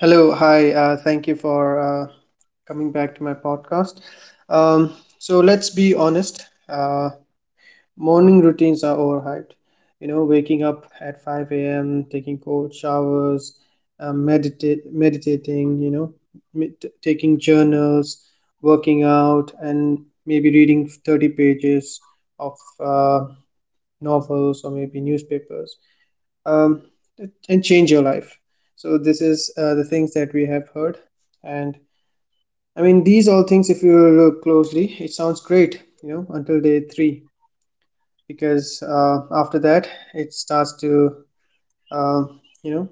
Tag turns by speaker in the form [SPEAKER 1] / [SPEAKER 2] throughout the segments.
[SPEAKER 1] Hello, hi. Thank you for coming back to my podcast. Um, so let's be honest. Morning routines are overhyped. You know, waking up at 5 a.m., taking cold showers, meditating. You know, taking journals, working out, and maybe reading 30 pages of uh, novels or maybe newspapers, um, and change your life. So this is the things that we have heard, and I mean these all things. If you look closely, it sounds great, you know, until day three, because after that it starts to uh, you know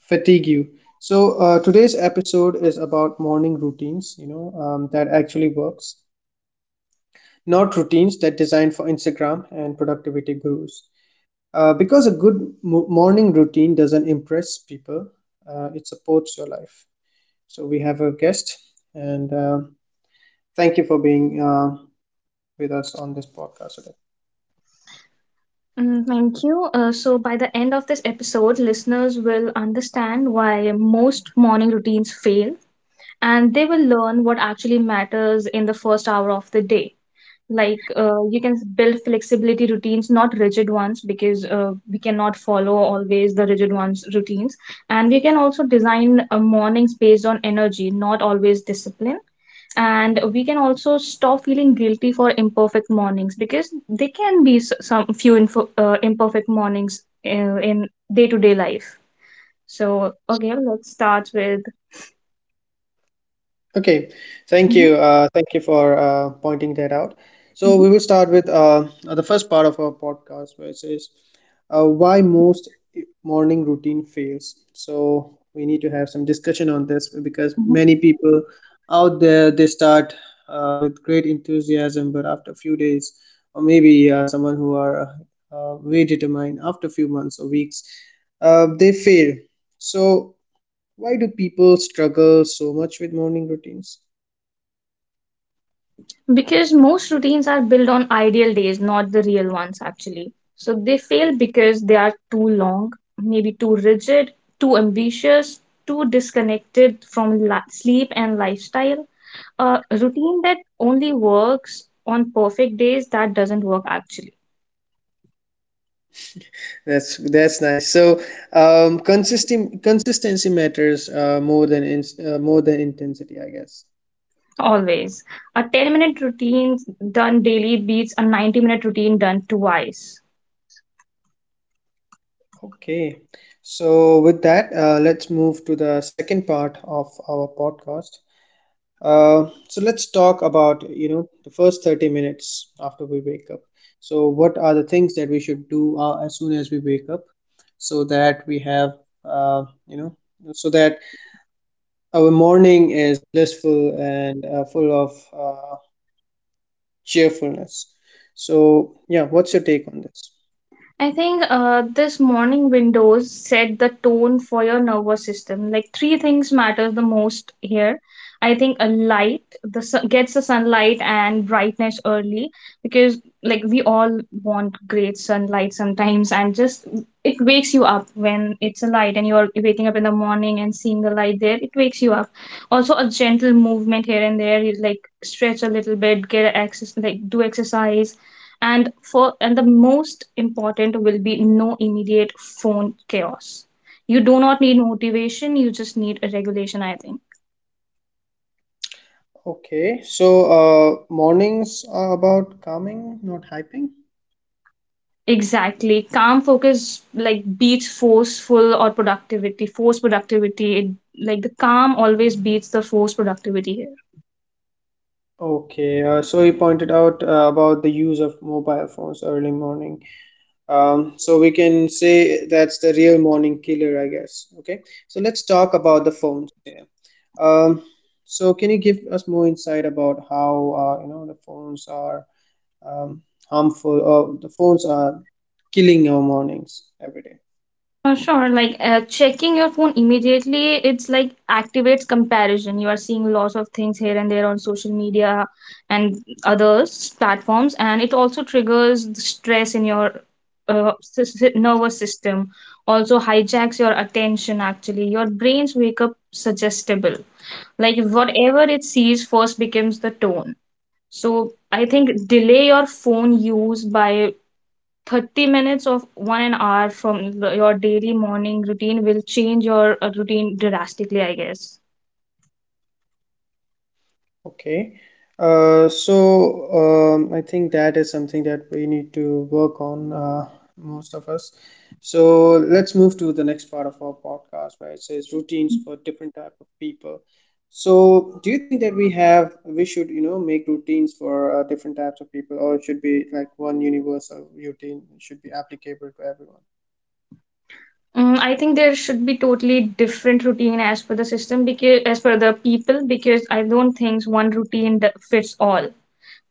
[SPEAKER 1] fatigue you. So today's episode is about morning routines, you know, that actually works, not routines that designed for Instagram and productivity gurus. Because a good morning routine doesn't impress people, it supports your life. So we have a guest, and thank you for being with us on this podcast today.
[SPEAKER 2] Thank you. So, by the end of this episode, listeners will understand why most morning routines fail and they will learn what actually matters in the first hour of the day. Like, you can build flexibility routines, not rigid ones, because we cannot follow always the rigid ones routines. And we can also design mornings based on energy, not always discipline, and we can also stop feeling guilty for imperfect mornings because they can be some few info, imperfect mornings in day to day life. So okay, let's start with.
[SPEAKER 1] Okay, thank
[SPEAKER 2] Mhm,
[SPEAKER 1] you. Thank you for pointing that out. So
[SPEAKER 2] mhm,
[SPEAKER 1] we will start with the first part of our podcast, where it says why most morning routine fails. So we need to have some discussion on this because
[SPEAKER 2] mhm.
[SPEAKER 1] many people out there they start with great enthusiasm, but after a few days, or maybe someone who are way determined, after a few months or weeks, they fail. So why do people struggle so much with morning routines?
[SPEAKER 2] Because most routines are built on ideal days, not the real ones actually. So they fail because they are too long, maybe too rigid, too ambitious, too disconnected from sleep and lifestyle. A routine that only works on perfect days, that doesn't work actually.
[SPEAKER 1] That's nice. So, consistent consistency matters more than intensity, I guess.
[SPEAKER 2] Always a 10-minute routine done daily beats a 90-minute routine done twice.
[SPEAKER 1] Okay. So with that, let's move to the second part of our podcast. So let's talk about, you know, the first 30 minutes after we wake up. So what are the things that we should do as soon as we wake up so that we have, uh, you know, so that our morning is blissful and full of cheerfulness. So, yeah, what's your take on this?
[SPEAKER 2] I think this morning windows set the tone for your nervous system. Like three things matter the most here. I think a light, the sun gets the sunlight and brightness early, because like we all want great sunlight sometimes, and just it wakes you up when it's a light and you're waking up in the morning and seeing the light there. It wakes you up. Also a gentle movement here and there. You like stretch a little bit, get a access, like do exercise. And for and the most important will be no immediate phone chaos. You do not need motivation, you just need a regulation, I think.
[SPEAKER 1] Okay, so mornings are about calming, not hyping.
[SPEAKER 2] Exactly, calm focus like beats forceful or productivity force productivity it, like the calm always beats the force productivity here.
[SPEAKER 1] Okay, so you pointed out about the use of mobile phones early morning. So we can say that's the real morning killer, I guess. Okay, so let's talk about the phones here. Um, so can you give us more insight about how, you know, the phones are um, harmful, or the phones are killing our mornings every day?
[SPEAKER 2] Sure. Like checking your phone immediately, it's like activates comparison. You are seeing lots of things here and there on social media, and other platforms, and it also triggers the stress in your nervous system. Also hijacks your attention. Actually, your brains wake up suggestible. Like whatever it sees first becomes the tone. So I think delay your phone use by 30 minutes of one an hour from your daily morning routine will change your routine drastically, I guess.
[SPEAKER 1] Okay. I think that is something that we need to work on, most of us. So let's move to the next part of our podcast, where it says routines for different type of people. So do you think that we should, you know, make routines for different types of people, or it should be like one universal routine it should be applicable to everyone?
[SPEAKER 2] I think there should be totally different routine as per the system, because as per the people, because I don't think one routine that fits all,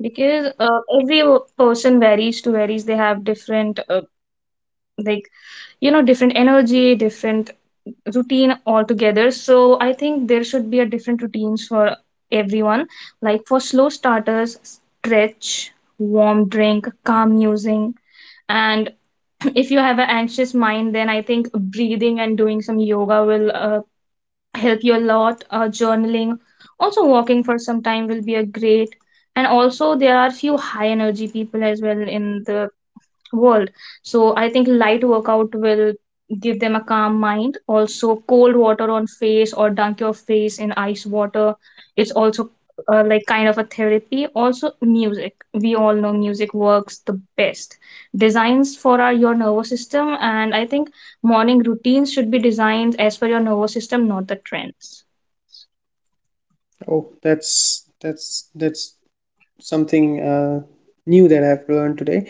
[SPEAKER 2] because every person varies to varies, they have different like you know different energy, different routine altogether. So I think there should be a different routines for everyone, like for slow starters stretch, warm drink, calm musing, and if you have an anxious mind, then I think breathing and doing some yoga will help you a lot. Journaling, also walking for some time will be a great, and also there are few high energy people as well in the world. So I think light workout will give them a calm mind. Also, cold water on face or dunk your face in ice water. It's also like kind of a therapy. Also, music. We all know music works the best. Designs for our your nervous system, and I think morning routines should be designed as per your nervous system, not the trends.
[SPEAKER 1] Oh, that's something new that I've learned today.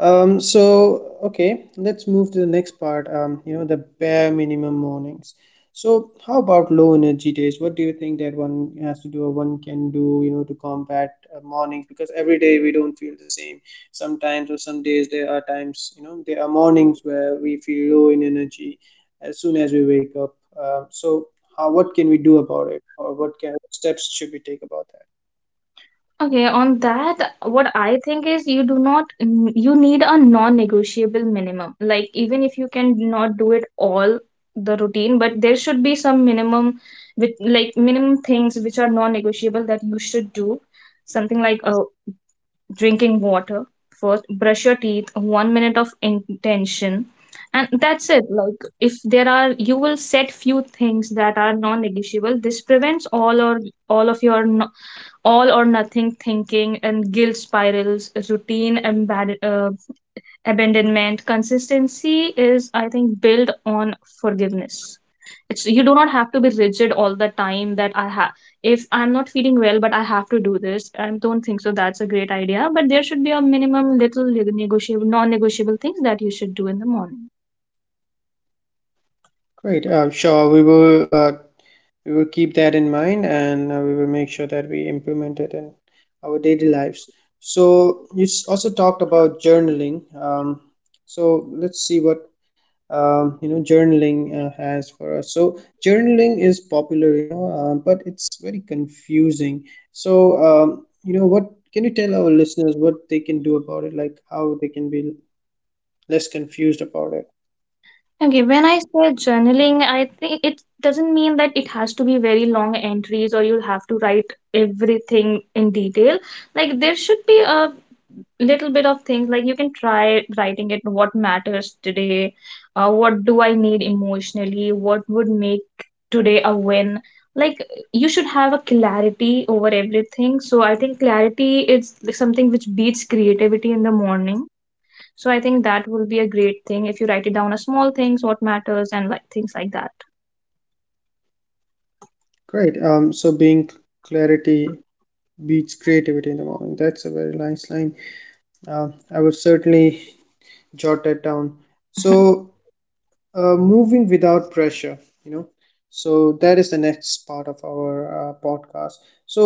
[SPEAKER 1] So okay, let's move to the next part. You know, the bare minimum mornings. So how about low energy days? What do you think that one has to do or one can do, you know, to combat mornings? Because every day we don't feel the same. Sometimes, or some days there are times, you know, there are mornings where we feel low in energy as soon as we wake up. So how What can we do about it, or what can steps should we take about that?
[SPEAKER 2] Okay, on that, what I think is you do not, you need a non-negotiable minimum. Like, even if you can not do it all the routine, but there should be some minimum with like minimum things which are non-negotiable that you should do. Something like drinking water first, brush your teeth, 1 minute of intention, and that's it. Like, if there are, you will set few things that are non-negotiable. This prevents all or all of your no, all or nothing thinking and guilt spirals, routine abandonment. Consistency is, I think, built on forgiveness. It's you do not have to be rigid all the time. That I have, if I'm not feeling well, but I have to do this. I don't think so. That's a great idea. But there should be a minimum, little negotiable, non-negotiable things that you should do in the morning.
[SPEAKER 1] Great. Sure. We will keep that in mind and we will make sure that we implement it in our daily lives. So you also talked about journaling, um, so let's see what, you know, journaling has for us. So journaling is popular, you know, but it's very confusing. So, you know, what can you tell our listeners what they can do about it, like how they can be less confused about it?
[SPEAKER 2] Okay, when I say journaling, I think it doesn't mean that it has to be very long entries or you'll have to write everything in detail. Like, there should be a little bit of things like you can try writing it what matters today, what do I need emotionally, what would make today a win. Like, you should have a clarity over everything. So, I think clarity is something which beats creativity in the morning. So I think that will be a great thing if you write it down as small things, what matters, and like things like that.
[SPEAKER 1] Great. Um, so being clarity beats creativity in the morning. That's a very nice line. Uh, I would certainly jot that down. So, moving without pressure, you know, so that is the next part of our podcast. So,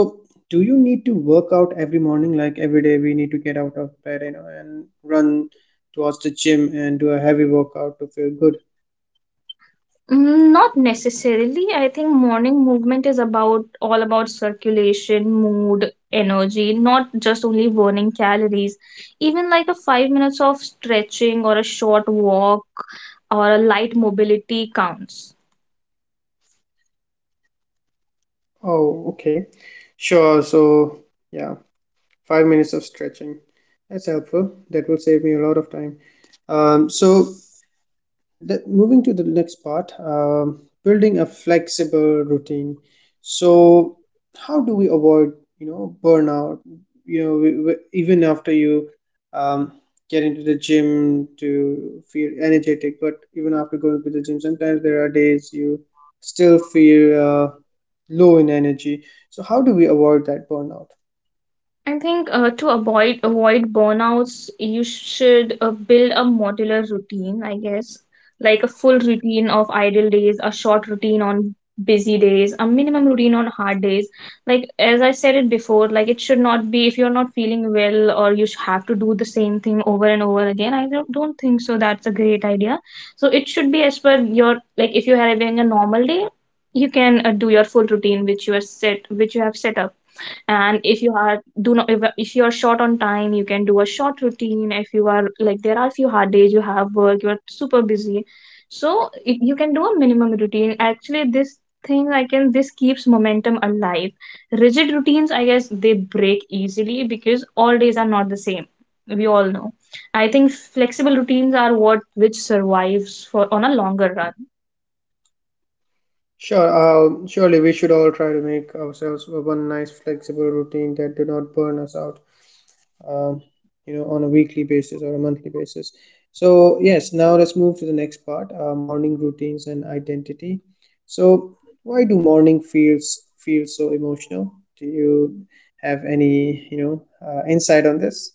[SPEAKER 1] do you need to work out every morning? Like every day, we need to get out of bed, you know, and run towards the gym and do a heavy workout to feel good.
[SPEAKER 2] Not necessarily. I think morning movement is about all about circulation, mood, energy, not just only burning calories. Even like a 5 minutes of stretching or a short walk or a light mobility counts.
[SPEAKER 1] Oh, okay. Sure. So, yeah, 5 minutes of stretching. That's helpful. That will save me a lot of time. Um, so Moving to the next part, building a flexible routine. So, how do we avoid, you know, burnout? You know, even after you, um, get into the gym to feel energetic, but even after going to the gym, sometimes there are days you still feel uh, low in energy. So, how do we avoid that burnout?
[SPEAKER 2] I think to avoid burnouts, you should build a modular routine, I guess, like a full routine of idle days, a short routine on busy days, a minimum routine on hard days. Like as I said it before, like it should not be if you're not feeling well or you have to do the same thing over and over again. I don't think so. That's a great idea. So it should be as per your like if you're having a normal day, you can do your full routine which you are set which you have set up. And if you are do not if, if you are short on time, you can do a short routine. If you are like there are a few hard days, you have work, you're super busy, so you can do a minimum routine actually. This thing I can this keeps momentum alive. Rigid routines, I guess they break easily because all days are not the same, we all know. I think flexible routines are what which survives for on a longer run.
[SPEAKER 1] Sure, surely we should all try to make ourselves a one nice flexible routine that do not burn us out, um, you know, on a weekly basis or a monthly basis. So, yes, now let's move to the next part, morning routines and identity. So, why do morning feels feel so emotional? Do you have any, you know, insight on this?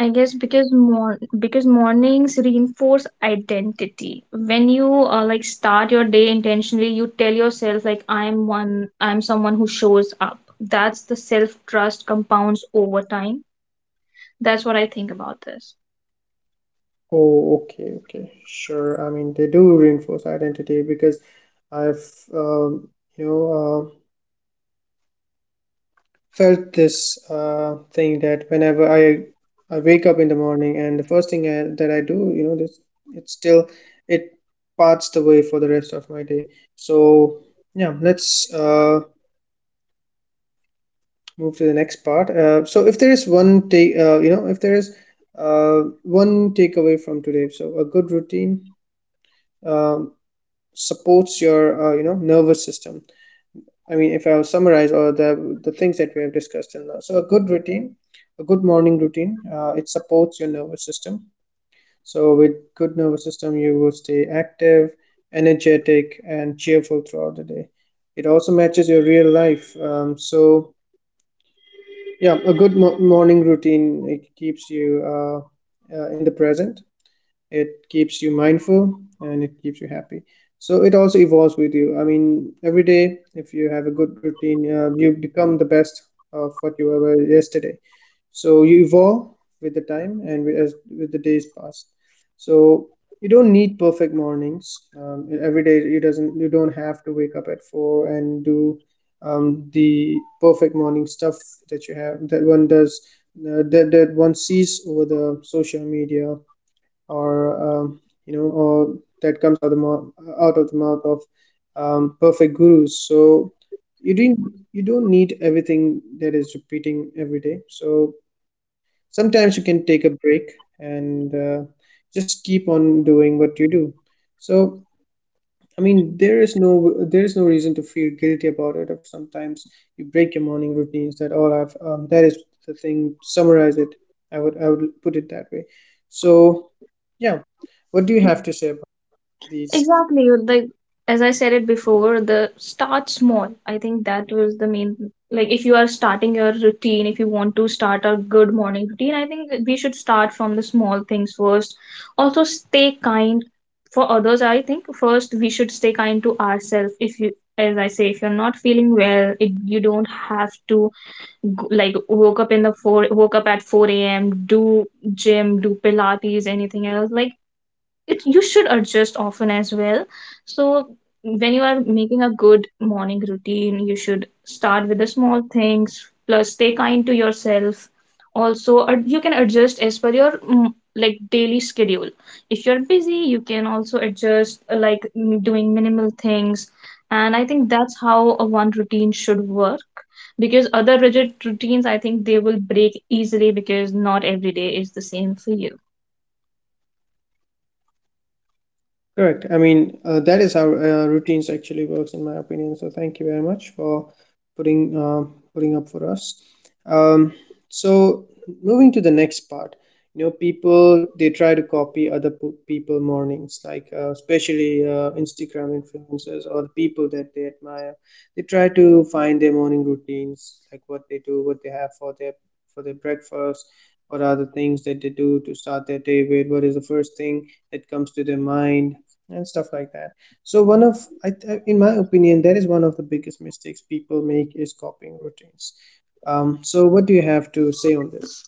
[SPEAKER 2] I guess because because mornings reinforce identity. When you like start your day intentionally, you tell yourself like I'm one, I'm someone who shows up. That's the self trust compounds over time. That's what I think about this.
[SPEAKER 1] Oh, okay, okay, sure. I mean, they do reinforce identity because I've, um, you know, uh, felt this thing that whenever I wake up in the morning and the first thing that I do, you know, this it still it parts the way for the rest of my day. So yeah, let's move to the next part. So if there is one take, You know, if there is one takeaway from today, so a good routine, um supports your, you know, nervous system. I mean, if I will summarize all the things that we have discussed in the, so a good routine, a good morning routine, it supports your nervous system. So with good nervous system, you will stay active, energetic, and cheerful throughout the day. It also matches your real life. Yeah, a good morning routine, it keeps you in the present, it keeps you mindful, and it keeps you happy. So it also evolves with you. I mean, every day, if you have a good routine, you become the best of what you were yesterday. So you evolve with the time and as with the days pass. So you don't need perfect mornings, every day you doesn't you don't have to wake up at four and do, the perfect morning stuff that you have, that one sees over the social media, or, um, you know or that comes out of the mouth of, perfect gurus. So you don't need everything that is repeating every day. So sometimes you can take a break and, just keep on doing what you do. So, I mean, there is no reason to feel guilty about it if sometimes you break your morning routines. That all I've That is the thing, summarize it, I would put it that way. So yeah. What do you have to say about these?
[SPEAKER 2] Exactly. Like as I said it before, the start small. I think that was the main like if you are starting your routine, if you want to start a good morning routine, I think that we should start from the small things first. Also stay kind for others. I think first we should stay kind to ourselves. If you as I say, if you're not feeling well, it, you don't have to like woke up in the four woke up at 4 a.m. do gym, do Pilates, anything else. Like it you should adjust often as well. So when you are making a good morning routine, you should start with the small things, plus stay kind to yourself. Also you can adjust as per your like daily schedule. If you're busy, you can also adjust like doing minimal things. And I think that's how a one routine should work, because other rigid routines, I think they will break easily because not every day is the same for you.
[SPEAKER 1] Correct. I mean, that is how routines actually works, in my opinion. So thank you very much for putting up for us. Um, so Moving to the next part, you know, people they try to copy other people mornings, like especially Instagram influencers or the people that they admire. They try to find their morning routines, like what they do, what they have for their breakfast, what are the things that they do to start their day with, what is the first thing that comes to their mind and stuff like that. So one of, in my opinion, that is one of the biggest mistakes people make is copying routines. So what do you have to say on this?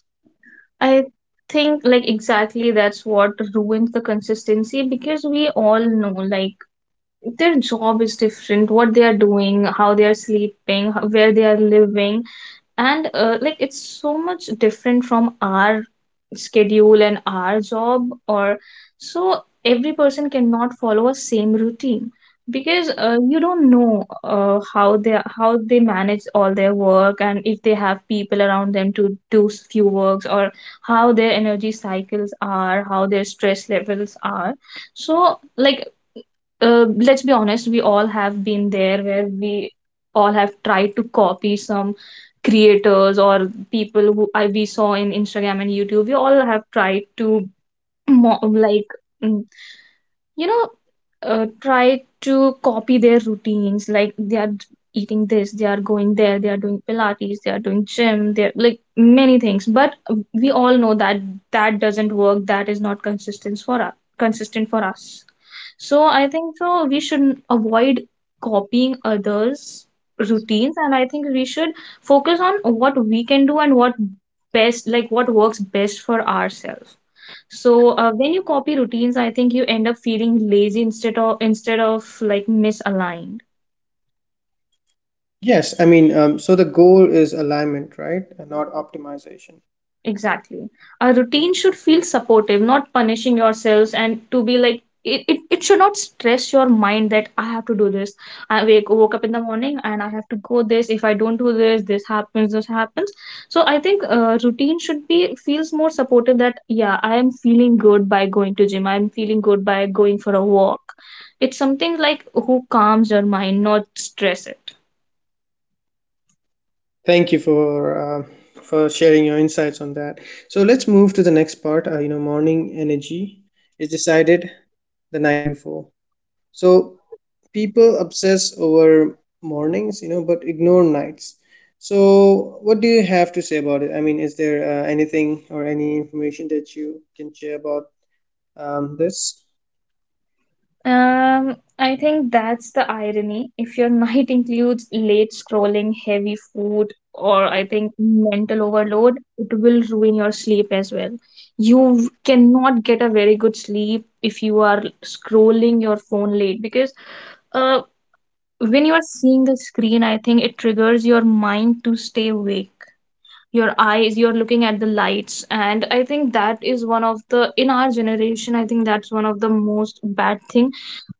[SPEAKER 2] I think like exactly that's what ruins the consistency, because we all know like their job is different, what they are doing, how they are sleeping, where they are living, and like it's so much different from our schedule and our job, or so every person cannot follow a same routine, because you don't know how they how they manage all their work, and if they have people around them to do few works, or how their energy cycles are, how their stress levels are. So like let's be honest, we all have been there where we all have tried to copy some creators or people who I we saw in Instagram and YouTube. We all have tried to mo- like mm, you know, try to copy their routines. Like they are eating this, they are going there, they are doing Pilates, they are doing gym, they're like many things. But we all know that that doesn't work. That is not consistent for us. Consistent for us. So I think so we should avoid copying others' routines, and I think we should focus on what we can do and what best, like what works best for ourselves. So when you copy routines, I think you end up feeling lazy instead of like misaligned.
[SPEAKER 1] Yes, I mean, so the goal is alignment, right, and not optimization.
[SPEAKER 2] Exactly. A routine should feel supportive, not punishing yourselves, and to be like it should not stress your mind that I have to do this. I wake woke up in the morning and I have to go this. If I don't do this, this happens, this happens. So I think routine should be feels more supportive that yeah, I am feeling good by going to gym. I'm feeling good by going for a walk. It's something like who calms your mind, not stress it.
[SPEAKER 1] Thank you for, uh, for sharing your insights on that. So let's move to the next part, you know, morning energy is decided the night before. So people obsess over mornings, you know, but ignore nights. So, what do you have to say about it? I mean, is there anything or any information that you can share about, this?
[SPEAKER 2] I think that's the irony. If your night includes late scrolling, heavy food, or I think mental overload, it will ruin your sleep as well. You cannot get a very good sleep if you are scrolling your phone late because uh, when you are seeing the screen, I think it triggers your mind to stay awake. Your eyes, you're looking at the lights, and I think that is one of the, in our generation, I think that's one of the most bad thing.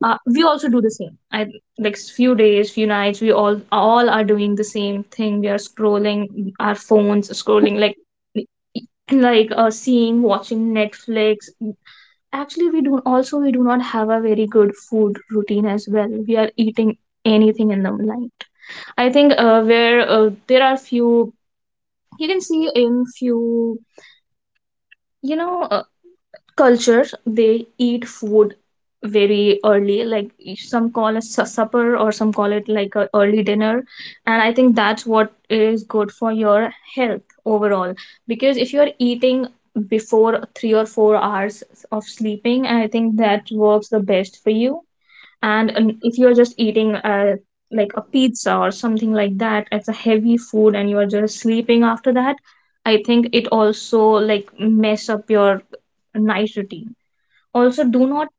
[SPEAKER 2] We also do the same. I like few days, few nights, we all are doing the same thing. We are scrolling our phones, scrolling like like seeing, watching Netflix. Actually, we do also, we do not have a very good food routine as well. We are eating anything in the night. I think where there are few, you can see in few, you know, uh, cultures they eat food very early. Like some call it supper, or some call it like a early dinner. And I think that's what is good for your health overall. Because if you're eating before 3 or 4 hours of sleeping, I think that works the best for you. And if you're just eating a like a pizza or something like that, it's a heavy food, and you're just sleeping after that, I think it also like mess up your night routine. Also, do not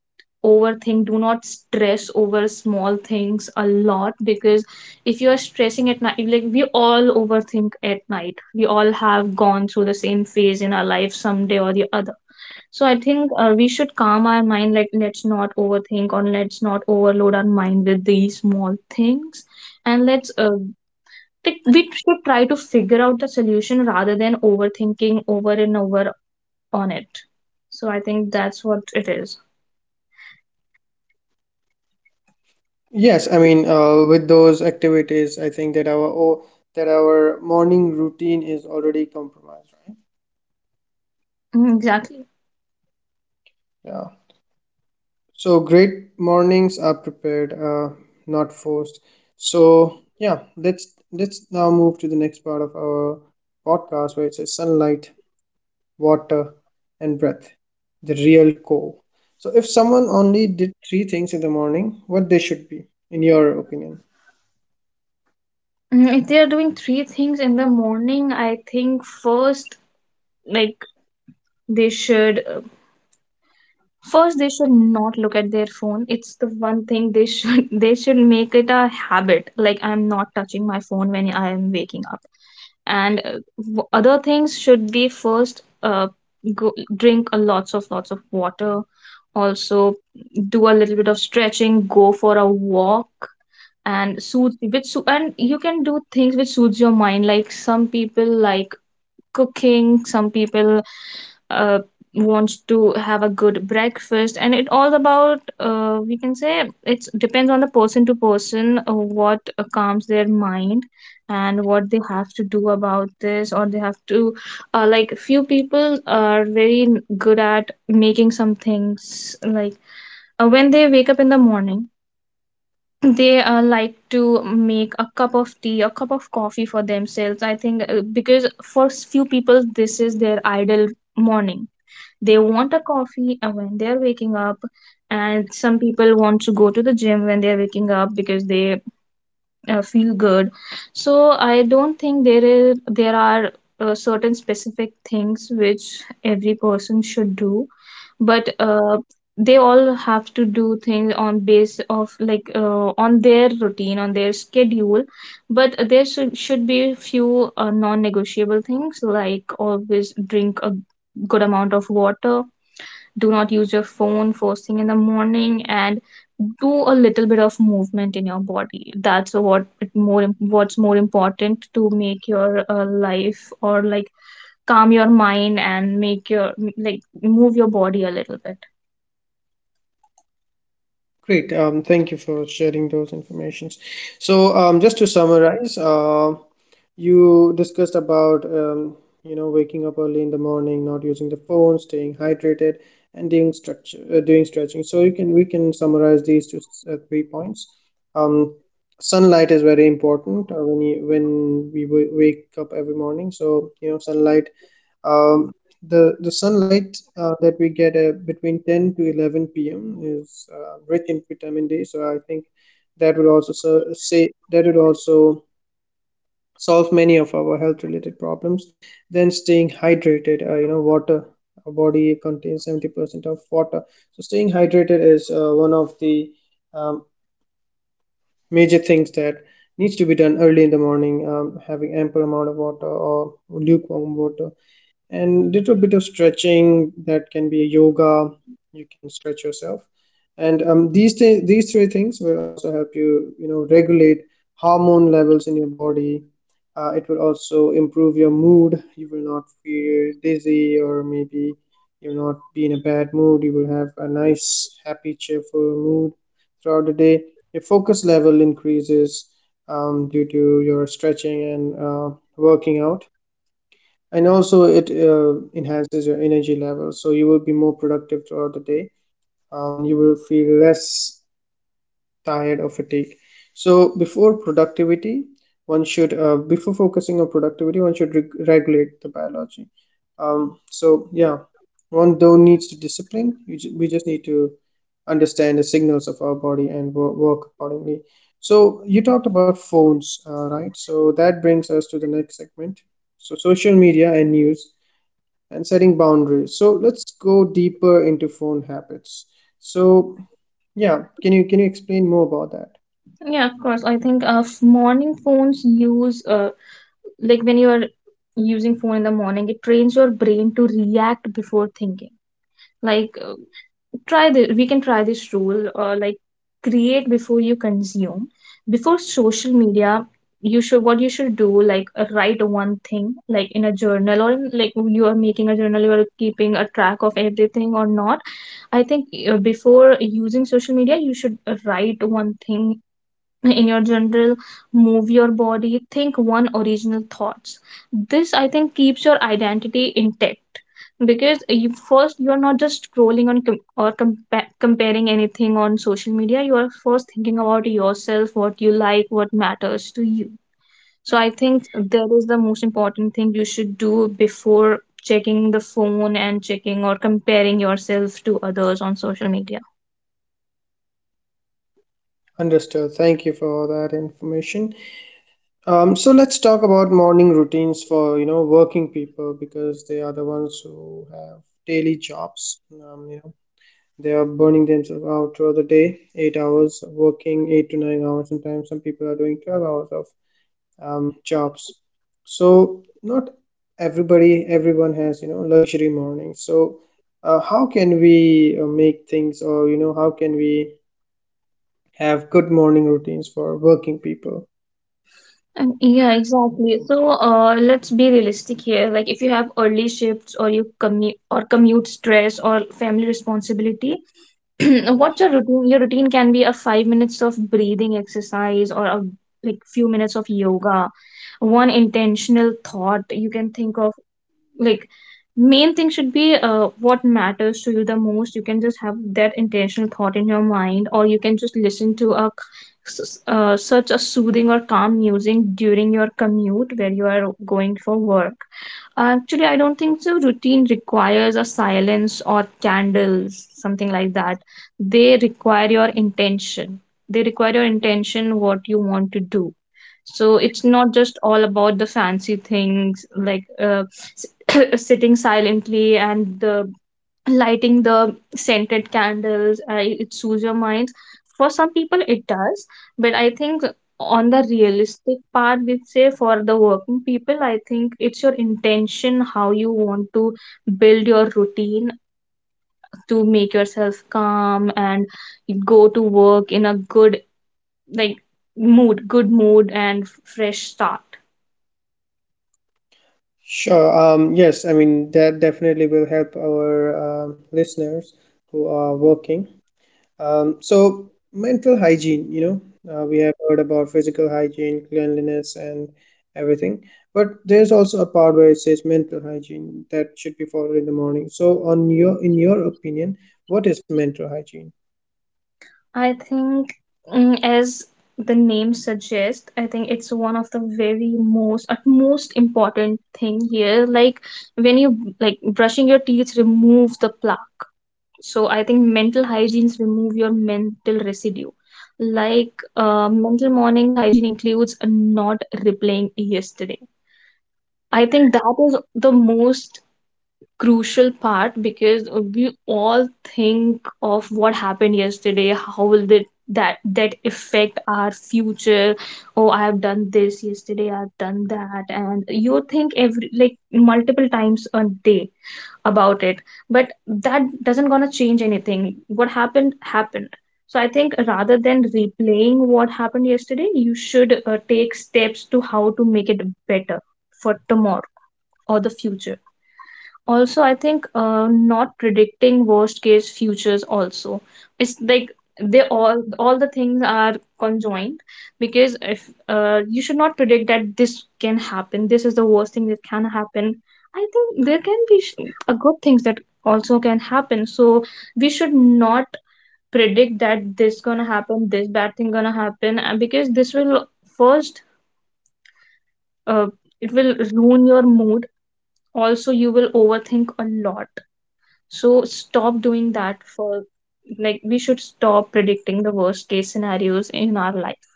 [SPEAKER 2] overthink, do not stress over small things a lot, because if you're stressing at night, like we all overthink at night, we all have gone through the same phase in our life someday or the other. So I think we should calm our mind. Like let's not overthink or let's not overload our mind with these small things, and let's like we should try to figure out the solution rather than overthinking over and over on it. So I think that's what it is.
[SPEAKER 1] Yes, I mean, with those activities, I think that that our morning routine is already compromised, right?
[SPEAKER 2] Mm, exactly.
[SPEAKER 1] Yeah. So great mornings are prepared, not forced. So yeah, let's now move to the next part of our podcast where it says sunlight. Water, and breath. The real core. So, if someone only did three things in the morning, what they should be, in your opinion?
[SPEAKER 2] Mm, if they are doing three things in the morning, I think first, like, they should first, they should not look at their phone. It's the one thing they should they should make it a habit, like I'm not touching my phone when I am waking up. And other things should be, first, go, drink a lots of water. Also, do a little bit of stretching, go for a walk, and soothe which and you can do things which soothes your mind, like some people like cooking, some people uh, wants to have a good breakfast, and it all about we can say it depends on the person to person, what calms their mind and what they have to do about this, or they have to, like few people are very good at making some things, like when they wake up in the morning they like to make a cup of tea, a cup of coffee for themselves. I think because for few people, this is their ideal morning. They want a coffee when they are waking up, and some people want to go to the gym when they are waking up because they feel good. So I don't think there are certain specific things which every person should do, but they all have to do things on base of, like, on their routine, on their schedule. But there should be a few non-negotiable things, like always drink a good amount of water, do not use your phone first thing in the morning, and do a little bit of movement in your body. That's what it more what's more important, to make your life, or like calm your mind and make your like move your body a little bit.
[SPEAKER 1] Great. Thank you for sharing those informations. So, just to summarize, you discussed about waking up early in the morning, not using the phone, staying hydrated, and doing stretching. So you can we can summarize these two three points. Um, Sunlight is very important when you when we w wake up every morning. So you know sunlight, um, the sunlight that we get between 10 to 11 p.m. is rich in vitamin D. So I think that will say that will also solve many of our health related problems. Than staying hydrated, water, our body contains 70% of water, so staying hydrated is one of the um, major things that needs to be done early in the morning: having ample amount of water or lukewarm water and little bit of stretching that can be yoga, you can stretch yourself. And these three things will also help you, you know, regulate hormone levels in your body. Uh, it will also improve your mood, you will not feel dizzy, or maybe you'll not be in a bad mood, you will have a nice happy cheerful mood throughout the day. Your focus level increases due to your stretching and working out, and also it enhances your energy level, so you will be more productive throughout the day. You will feel less tired or fatigued. So before focusing on productivity one should regulate the biology. So one don't needs to discipline, we just need to understand the signals of our body and work accordingly. So you talked about phones, right? So that brings us to the next segment. So social media and news and setting boundaries, so let's go deeper into phone habits. So yeah, can you explain more about that?
[SPEAKER 2] Yeah, of course, I think morning phones use, like when you are using phone in the morning, it trains your brain to react before thinking. Like try this, we can try this rule, or like create before you consume. Before social media, you should, what you should do, like write one thing, like in a journal, or in, like you are making a journal, you are keeping a track of everything or not. I think before using social media, you should write one thing in your general, move your body, think one original thoughts. This, I think, keeps your identity intact, because you first, you're not just scrolling on comparing anything on social media. You are first thinking about yourself, what you like, what matters to you. So I think that is the most important thing you should do before checking the phone and checking or comparing yourself to others on social media.
[SPEAKER 1] Understood, thank you for that information. So let's talk about morning routines for, you know, working people, because they are the ones who have daily jobs. They are burning themselves out throughout the day, 8 hours working, 8 to 9 hours, sometimes some people are doing 12 hours of jobs. So not everybody everyone has, you know, luxury mornings. So how can we make things, or you know, how can we have good morning routines for working people?
[SPEAKER 2] And yeah, exactly. So, let's be realistic here. Like, if you have early shifts, or you commute, or commute stress, or family responsibility, what's your routine? Your routine can be a 5 minutes of breathing exercise, or a like few minutes of yoga, one intentional thought you can think of. Like, main thing should be what matters to you the most. You can just have that intentional thought in your mind, or you can just listen to a such a soothing or calm music during your commute where you are going for work. Actually, I don't think so. Routine requires a silence or candles, something like that. They require your intention. They require your intention, what you want to do. So it's not just all about the fancy things. Like sitting silently and the lighting the scented candles, it soothes your mind. For some people it does, but I think on the realistic part we say for the working people, I think it's your intention, how you want to build your routine, to make yourself calm and go to work in a good, like, mood, good mood and fresh start.
[SPEAKER 1] Sure. Yes, I mean that definitely will help our listeners who are working. So mental hygiene, you know, we have heard about physical hygiene, cleanliness, and everything. But there's also a part where it says mental hygiene that should be followed in the morning. So, in your opinion, what is mental hygiene?
[SPEAKER 2] I think, mm, as the name suggests, I think it's one of the very most utmost important thing here. Like, when you like brushing your teeth, remove the plaque. So I think mental hygienes remove your mental residue. Like mental mornings hygiene includes not replaying yesterday. I think that is the most crucial part, because we all think of what happened yesterday, how will that affect our future. Oh, I have done this yesterday, I've done that, and you think every, like, multiple times a day about it. But that doesn't gonna change anything. What happened, happened. So I think rather than replaying what happened yesterday, you should take steps to how to make it better for tomorrow or the future. Also, I think not predicting worst case futures also, it's like they all the things are conjoined. Because if you should not predict that this can happen, this is the worst thing that can happen. I think there can be a good things that also can happen. So we should not predict that this gonna happen, this bad thing gonna happen, because this will first, uh, it will ruin your mood. Also, you will overthink a lot. So stop doing that, for like, we should stop predicting the worst case scenarios in our life.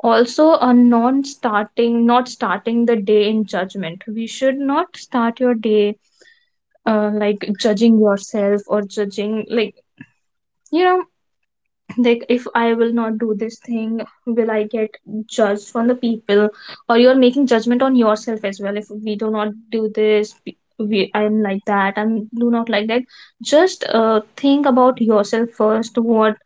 [SPEAKER 2] Also, a non starting, not starting the day in judgment. We should not start your day like judging yourself or judging, like, you know, like if I will not do this thing, will I get judged from the people? Or you're making judgment on yourself as well. If we do not do this, I'm like that, I'm do not like that. Just think about yourself first, what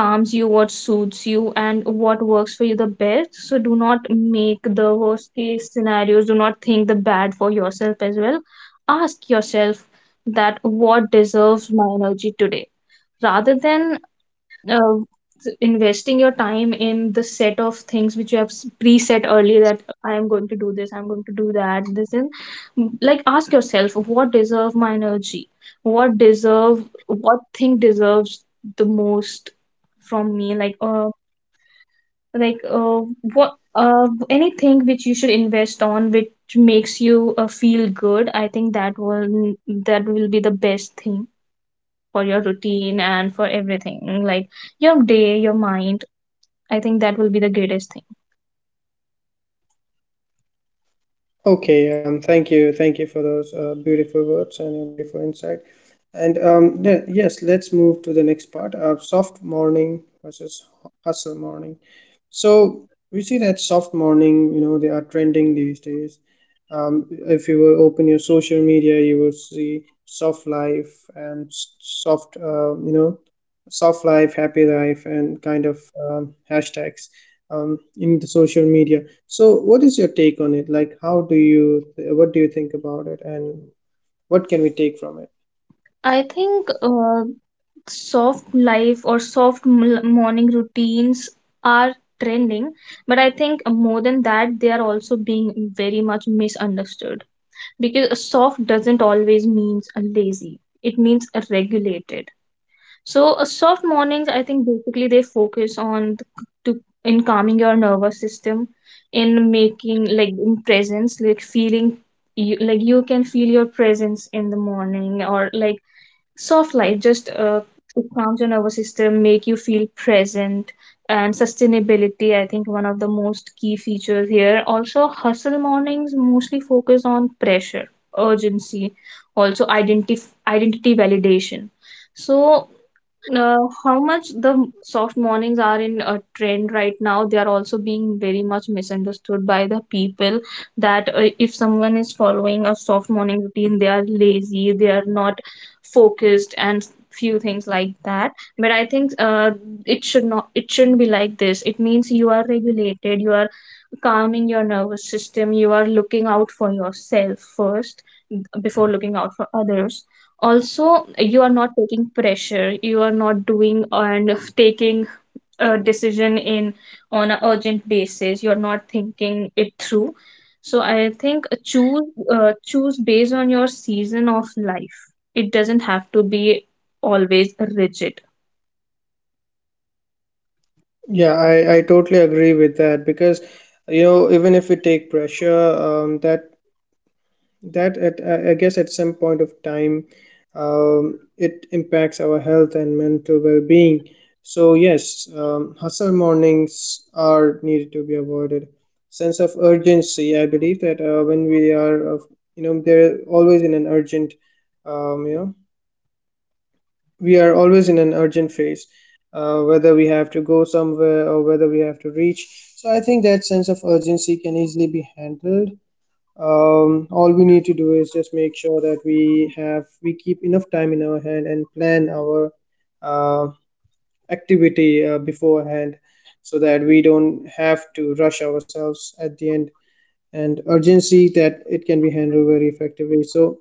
[SPEAKER 2] calms you, what suits you, and what works for you the best. So do not make the worst case scenarios, do not think the bad for yourself as well. Ask yourself that what deserves my energy today, rather than uh, investing your time in the set of things which you have preset earlier, that I am going to do this, I'm going to do that, this and, mm, like ask yourself what deserve my energy, what deserve, what thing deserves the most from me. Like like what anything which you should invest on which makes you feel good. I think that will, that will be the best thing for your routine and for everything, like your day, your mind. I think that will be the greatest thing.
[SPEAKER 1] Okay, thank you for those beautiful words and your beautiful insight. And yes, let's move to the next part. Soft morning versus hustle morning. So we see that soft morning, you know, they are trending these days. If you will open your social media, you will see soft life and soft life, happy life, and kind of hashtags in the social media. So what is your take on it? Like, how do you, what do you think about it, and what can we take from it?
[SPEAKER 2] I think soft life or morning routines are trending, but I think more than that, they are also being very much misunderstood because soft doesn't always means lazy. It means regulated. So, soft mornings, I think basically they focus on to in calming your nervous system, in making like in presence, like feeling you, like you can feel your presence in the morning, or like soft light just it calms your nervous system, make you feel present, and sustainability. I think one of the most key features here. Also, hustle mornings mostly focus on pressure, urgency, also identity validation. So, how much the soft mornings are in a trend right now, they are also being very much misunderstood by the people that if someone is following a soft morning routine, they are lazy, they are not focused, and few things like that. But I think it shouldn't be like this. It means you are regulated, you are calming your nervous system, you are looking out for yourself first before looking out for others. Also you are not taking pressure, you are not doing and taking a decision in on an urgent basis, you're not thinking it through. So I think choose choose based on your season of life. It doesn't have to be always rigid.
[SPEAKER 1] Yeah, I totally agree with that, because you know even if we take pressure, that that at I guess at some point of time it impacts our health and mental well-being. So yes, hustle mornings are needed to be avoided. Sense of urgency, I believe that when we are of you know they're always in an urgent, um, you know we are always in an urgent phase, whether we have to go somewhere or whether we have to reach. So I think that sense of urgency can easily be handled. All we need to do is just make sure that we keep enough time in our hand and plan our uh, activity beforehand, so that we don't have to rush ourselves at the end. And urgency, that it can be handled very effectively. So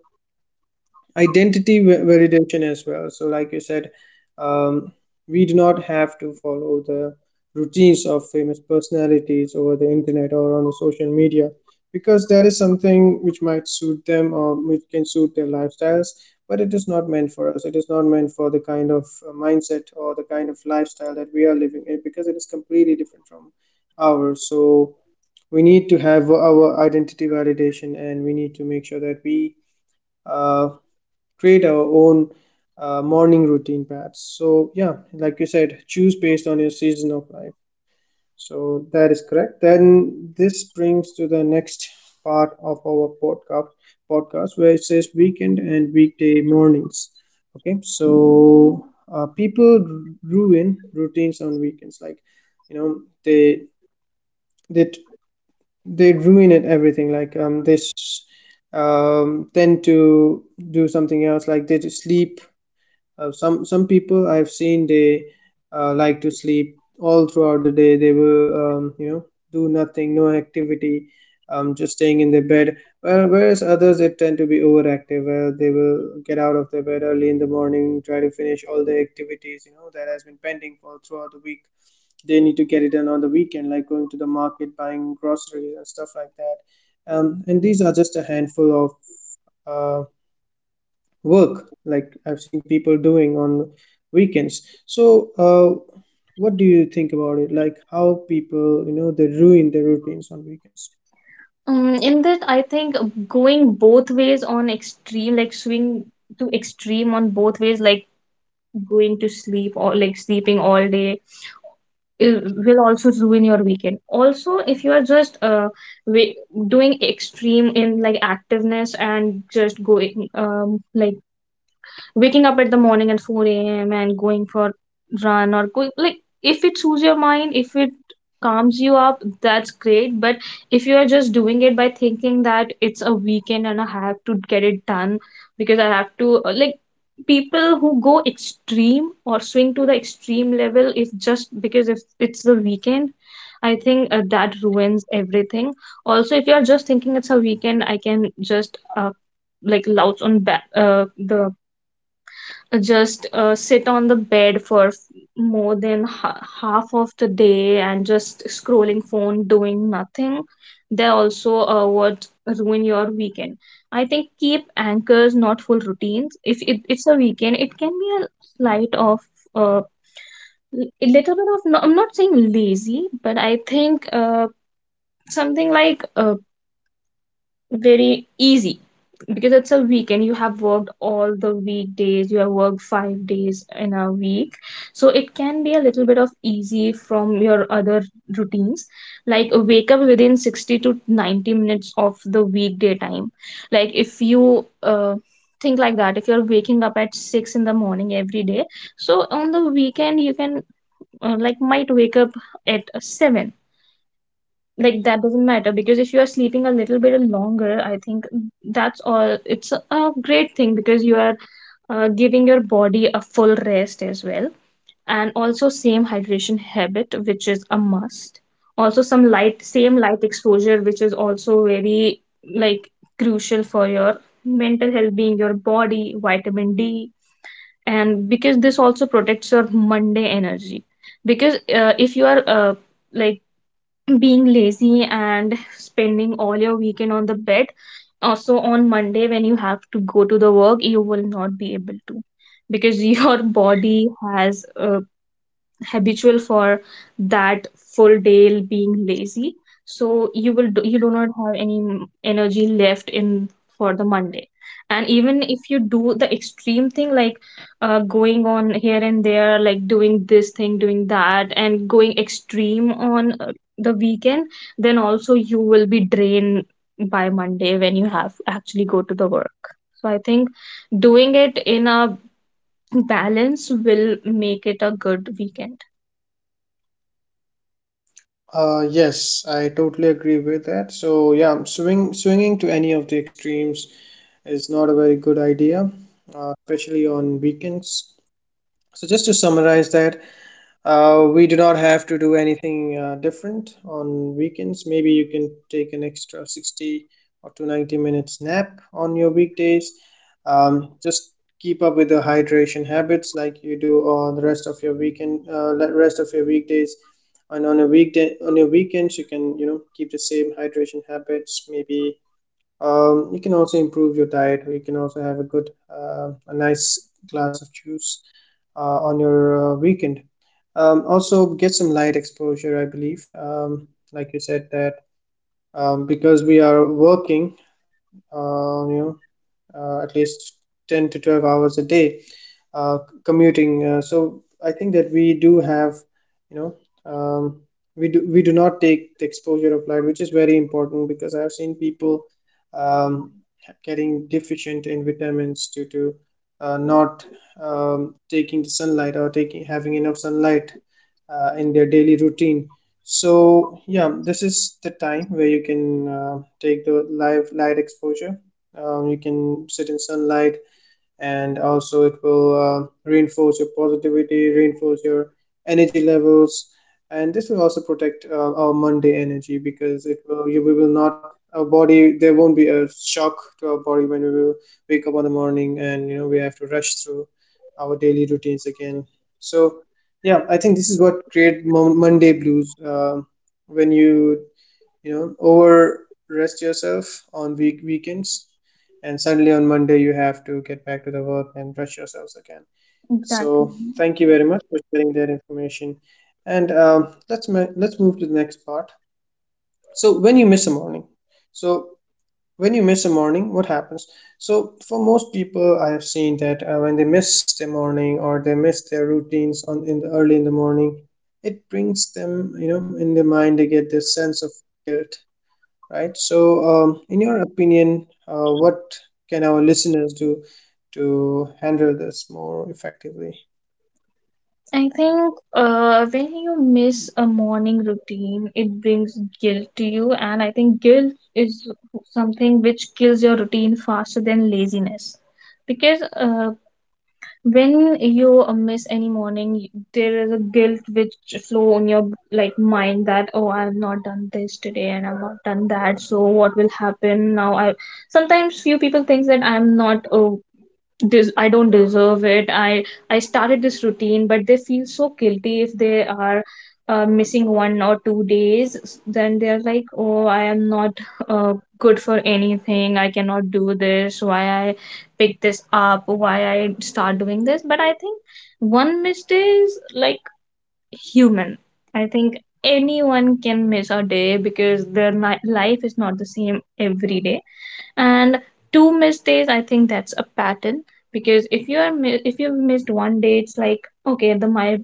[SPEAKER 1] identity validation as well. So, like you said, um, we do not have to follow the routines of famous personalities over the internet or on the social media, because that is something which might suit them or which can suit their lifestyles, but it is not meant for us. It is not meant for the kind of mindset or the kind of lifestyle that we are living in, because it is completely different from ours. So, we need to have our identity validation and we need to make sure that we uh, create our own morning routine perhaps. So yeah, like you said, choose based on your season of life. So that is correct. Then this brings to the next part of our podcast where it says weekend and weekday mornings. Okay, so people ruin routines on weekends. Like, you know, they t- they ruin it everything, like this tend to do something else, like they just sleep. Uh, some people I've seen, they like to sleep all throughout the day, they will, do nothing, no activity, just staying in their bed. Well, whereas others they tend to be overactive, where they will get out of their bed early in the morning, try to finish all the activities, you know, that has been pending for throughout the week. They need to get it done on the weekend, like going to the market, buying groceries and stuff like that. And these are just a handful of uh, work, like, I've seen people doing on weekends. So, what do you think about it? Like how people, you know, they ruin their routines on weekends.
[SPEAKER 2] In that I think going both ways on extreme, like swing to extreme on both ways, like going to sleep or like sleeping all day, it will also ruin your weekend. Also if you are just wa- doing extreme in like activeness and just going like waking up at the morning at 4 a.m. and going for run or going, like if it soothes your mind, if it calms you up, that's great. But if you are just doing it by thinking that it's a weekend and I have to get it done because I have to, like people who go extreme or swing to the extreme level if just because if it's the weekend, I think that ruins everything. Also if you are just thinking it's a weekend I can just, like louch on back, the just sit on the bed for more than half of the day and just scrolling phone doing nothing, they also would ruin your weekend. I think keep anchors, not full routines. If it's a weekend, it can be a slight of uh, a little bit of, no, I'm not saying lazy, but I think something like very easy, because it's a weekend. You have worked all the weekdays, you have worked 5 days in a week, so it can be a little bit of easy from your other routines. Like wake up within 60 to 90 minutes of the weekday time. Like if you think like that, if you're waking up at 6 in the morning every day, so on the weekend you can like might wake up at 7. Like that doesn't matter, because if you are sleeping a little bit longer, I think that's all, it's a great thing because you are giving your body a full rest as well. And also same hydration habit, which is a must. Also some light, same light exposure, which is also very like crucial for your mental health being your body, vitamin D. And because this also protects your Monday energy, because if you are like being lazy and spending all your weekend on the bed, also on Monday when you have to go to the work, you will not be able to, because your body has habitual for that full day being lazy. So you do not have any energy left in for the Monday. And even if you do the extreme thing, like going on here and there, like doing this thing doing that and going extreme on the weekend, then also you will be drained by Monday when you have actually go to the work. So I think doing it in a balance will make it a good weekend.
[SPEAKER 1] Yes, I totally agree with that. So yeah, swinging to any of the extremes is not a very good idea, especially on weekends. So just to summarize that, we do not have to do anything different on weekends. Maybe you can take an extra 60 or 290 minutes nap on your weekdays. Just keep up with the hydration habits like you do on the rest of your weekend, rest of your weekdays. And on your weekends, you can, you know, keep the same hydration habits. Maybe you can also improve your diet. You can also have a good, a nice glass of juice on your weekend. Also, get some light exposure, I believe. Like you said, that because we are working, uh, you know, at least 10 to 12 hours a day uh, commuting. So I think that we do have, you know, um, we do not take the exposure of light, which is very important, because I have seen people um, getting deficient in vitamins due to not taking the sunlight or taking having enough sunlight in their daily routine. So yeah, this is the time where you can take the live light exposure. You can sit in sunlight, and also it will reinforce your positivity, reinforce your energy levels. And this will also protect our Monday energy, because we will not, our body, there won't be a shock to our body when we will wake up on the morning and, you know, we have to rush through our daily routines again. So yeah, I think this is what create Monday blues, um, when you know, over rest yourself on weekends and suddenly on Monday you have to get back to the work and brush yourselves again.
[SPEAKER 2] Exactly.
[SPEAKER 1] So thank you very much for sharing that information. And let's move to the next part. So when you miss a morning, so when you miss a morning, what happens? So for most people, I have seen that when they miss their morning or they miss their routines on in the early in the morning, it brings them, you know, in their mind they get this sense of guilt, right? So, in your opinion, what can our listeners do to handle this more effectively?
[SPEAKER 2] I think when you miss a morning routine, it brings guilt to you. And I think guilt is something which kills your routine faster than laziness. Because when you miss any morning, there is a guilt which flow on your like mind that, oh, I've not done this today and I've not done that. So what will happen now? I sometimes, few people think that I'm not I don't deserve it. I started this routine, but they feel so guilty if they are missing 1 or 2 days. Then they're like, "Oh, I am not good for anything. I cannot do this. Why I pick this up? Why I start doing this?" But I think one miss day is like human. I think anyone can miss a day, because their life is not the same every day. And two missed days, I think that's a pattern. Because if you are if you've missed 1 day, it's like, okay, the my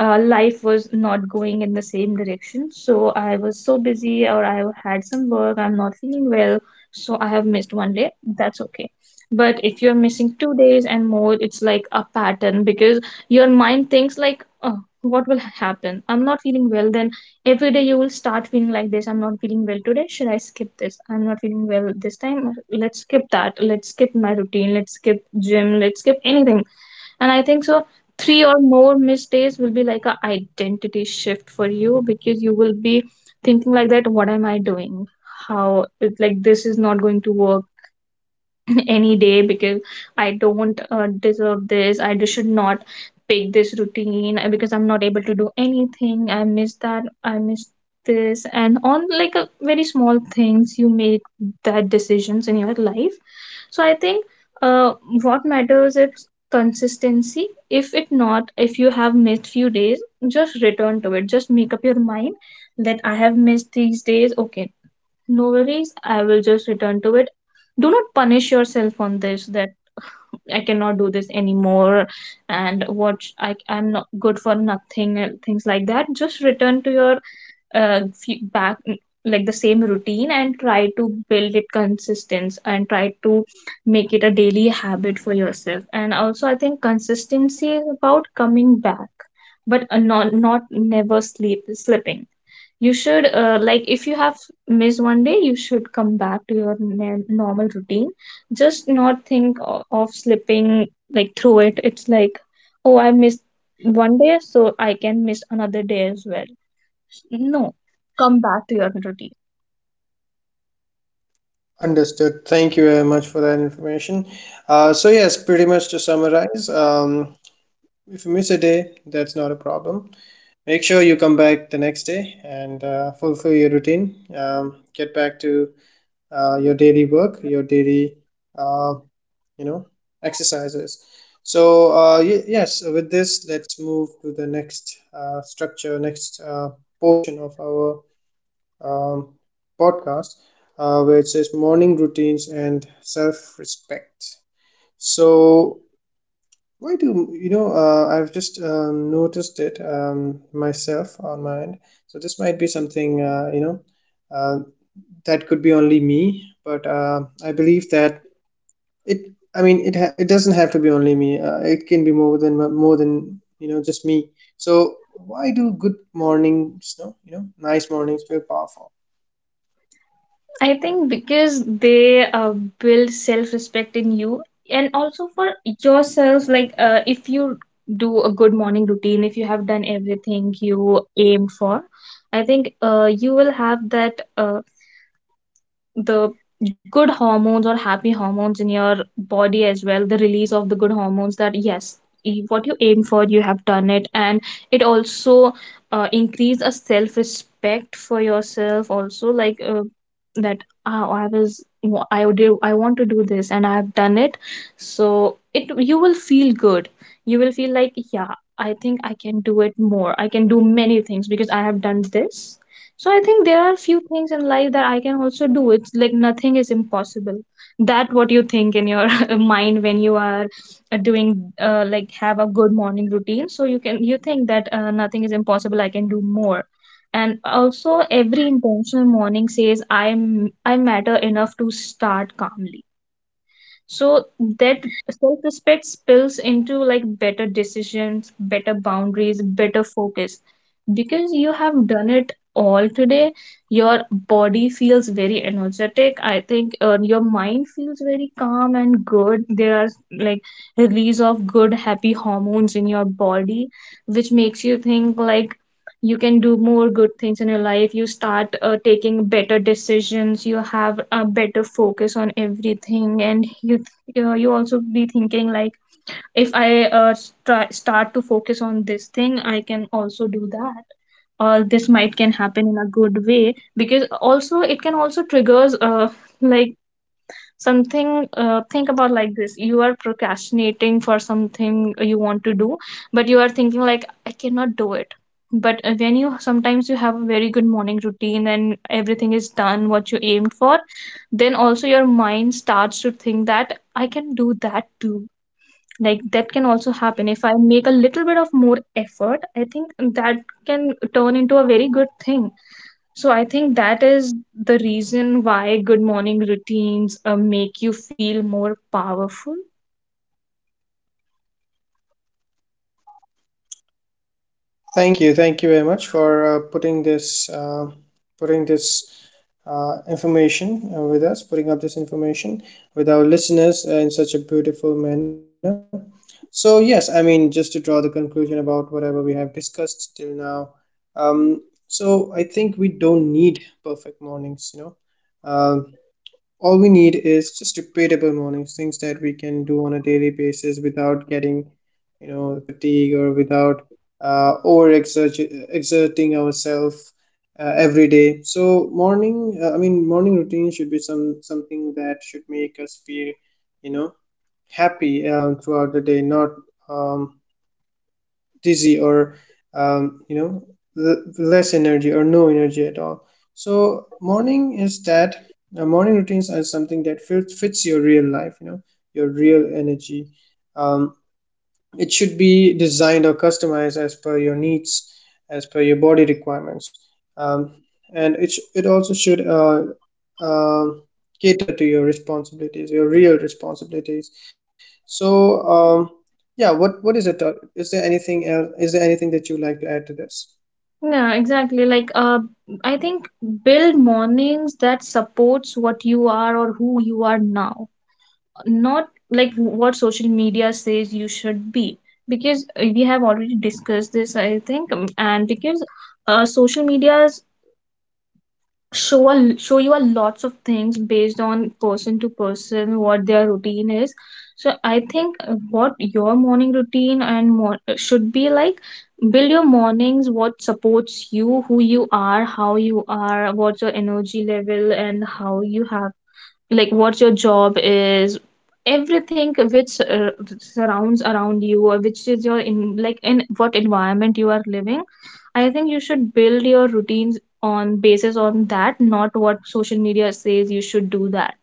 [SPEAKER 2] life was not going in the same direction. So I was so busy, or I had some work, I'm not feeling well, so I have missed 1 day. That's okay. But if you're missing 2 days and more, it's like a pattern because your mind thinks like, oh, what will happen? I'm not feeling well. Then every day you will start feeling like this. I'm not feeling well today. Should I skip this? I'm not feeling well this time. Let's skip that. Let's skip my routine. Let's skip gym. Let's skip anything. And I think so, three or more missed days will be like a identity shift for you, because you will be thinking like that, what am I doing? How it, like this is not going to work any day, because I don't deserve this. I just should not pick this routine, because I'm not able to do anything. I miss that, I miss this, and on like a very small things you make that decisions in your life. So I think uh, what matters is consistency. If it not, if you have missed few days, just return to it. Just make up your mind that I have missed these days. Okay, no worries. I will just return to it. Do not punish yourself on this that I cannot do this anymore and I'm not good for nothing and things like that. Just return to your few back like the same routine and try to build it consistent and try to make it a daily habit for yourself. And also I think consistency is about coming back, but not never sleep slipping. You should like if you have missed 1 day, you should come back to your normal routine, just not think of slipping like through it. It's like, oh, I missed 1 day, so I can miss another day as well. No, come back to your routine.
[SPEAKER 1] Understood. Thank you very much for that information. So, yes, pretty much to summarize, if you miss a day, that's not a problem. Make sure you come back the next day and fulfill your routine. Get back to your daily work, your daily uh, you know exercises. So yes, with this let's move to the next structure, next portion of our um, podcast, where it says morning routines and self-respect. So why do I've just noticed it myself on my end. So this might be something uh, that could be only me, but I believe that it, I mean, it doesn't have to be only me. It can be more than just me. So why do good mornings, no, you know, nice mornings feel powerful?
[SPEAKER 2] I think because they build self respect in you and also for yourself. Like, if you do a good morning routine, if you have done everything you aim for, I think you will have that. The good hormones or happy hormones in your body as well, the release of the good hormones, that yes, what you aim for you have done it. And it also increase a self respect for yourself also, like that, oh, I want to do this and I have done it. So it, you will feel good. You will feel like, yeah, I think I can do it more, I can do many things because I have done this. So I think there are few things in life that I can also do. It's like nothing is impossible. That what you think in your mind when you are doing like have a good morning routine. So you think that nothing is impossible. I can do more. And also every intentional morning says I matter enough to start calmly so that self-respect spills into, like, better decisions, better boundaries, better focus. Because you have done it all today, your body feels very energetic. I think your mind feels very calm and good. There are, like, release of good happy hormones in your body, which makes you think like you can do more good things in your life. You start taking better decisions, you have a better focus on everything, and you you also be thinking like if i start to focus on this thing, I can also do that, or this might can happen in a good way. Because also it can also triggers like something. Think about like this: you are procrastinating for something you want to do, but you are thinking like I cannot do it. But when you sometimes you have a very good morning routine and everything is done what you aimed for, then also your mind starts to think that I can do that too, like that can also happen if I make a little bit of more effort. I think that can turn into a very good thing. So I think that is the reason why good morning routines make you feel more powerful.
[SPEAKER 1] Thank you very much for putting this putting this information with us, putting up this information with our listeners in such a beautiful manner. So yes, I mean, just to draw the conclusion about whatever we have discussed till now. So I think we don't need perfect mornings. You know, um, all we need is just repeatable mornings, things that we can do on a daily basis without getting, you know, fatigue or without over exerting ourselves every day. So morning, I mean, morning routine should be some something that should make us feel, you know, happy throughout the day, not um, dizzy or you know, less energy or no energy at all. So morning is that, morning routines are something that fits your real life, you know, your real energy. Um, it should be designed or customized as per your needs, as per your body requirements, um, and it also should uh, cater to your responsibilities, your real responsibilities. So um, yeah, what is it, is there anything else, is there anything that you would like to add to this?
[SPEAKER 2] Yeah, exactly. I think build mornings that supports what you are or who you are now, not like what social media says you should be. Because we have already discussed this, I think, and because social media show you a lots of things based on person to person what their routine is. So I think what your morning routine should be like, build your mornings what supports you, who you are, how you are, what's your energy level, and how you have, like, what your job is, everything which surrounds around you, or which is your, in like in what environment you are living. I think you should build your routines on basis on that, not what social media says you should do that.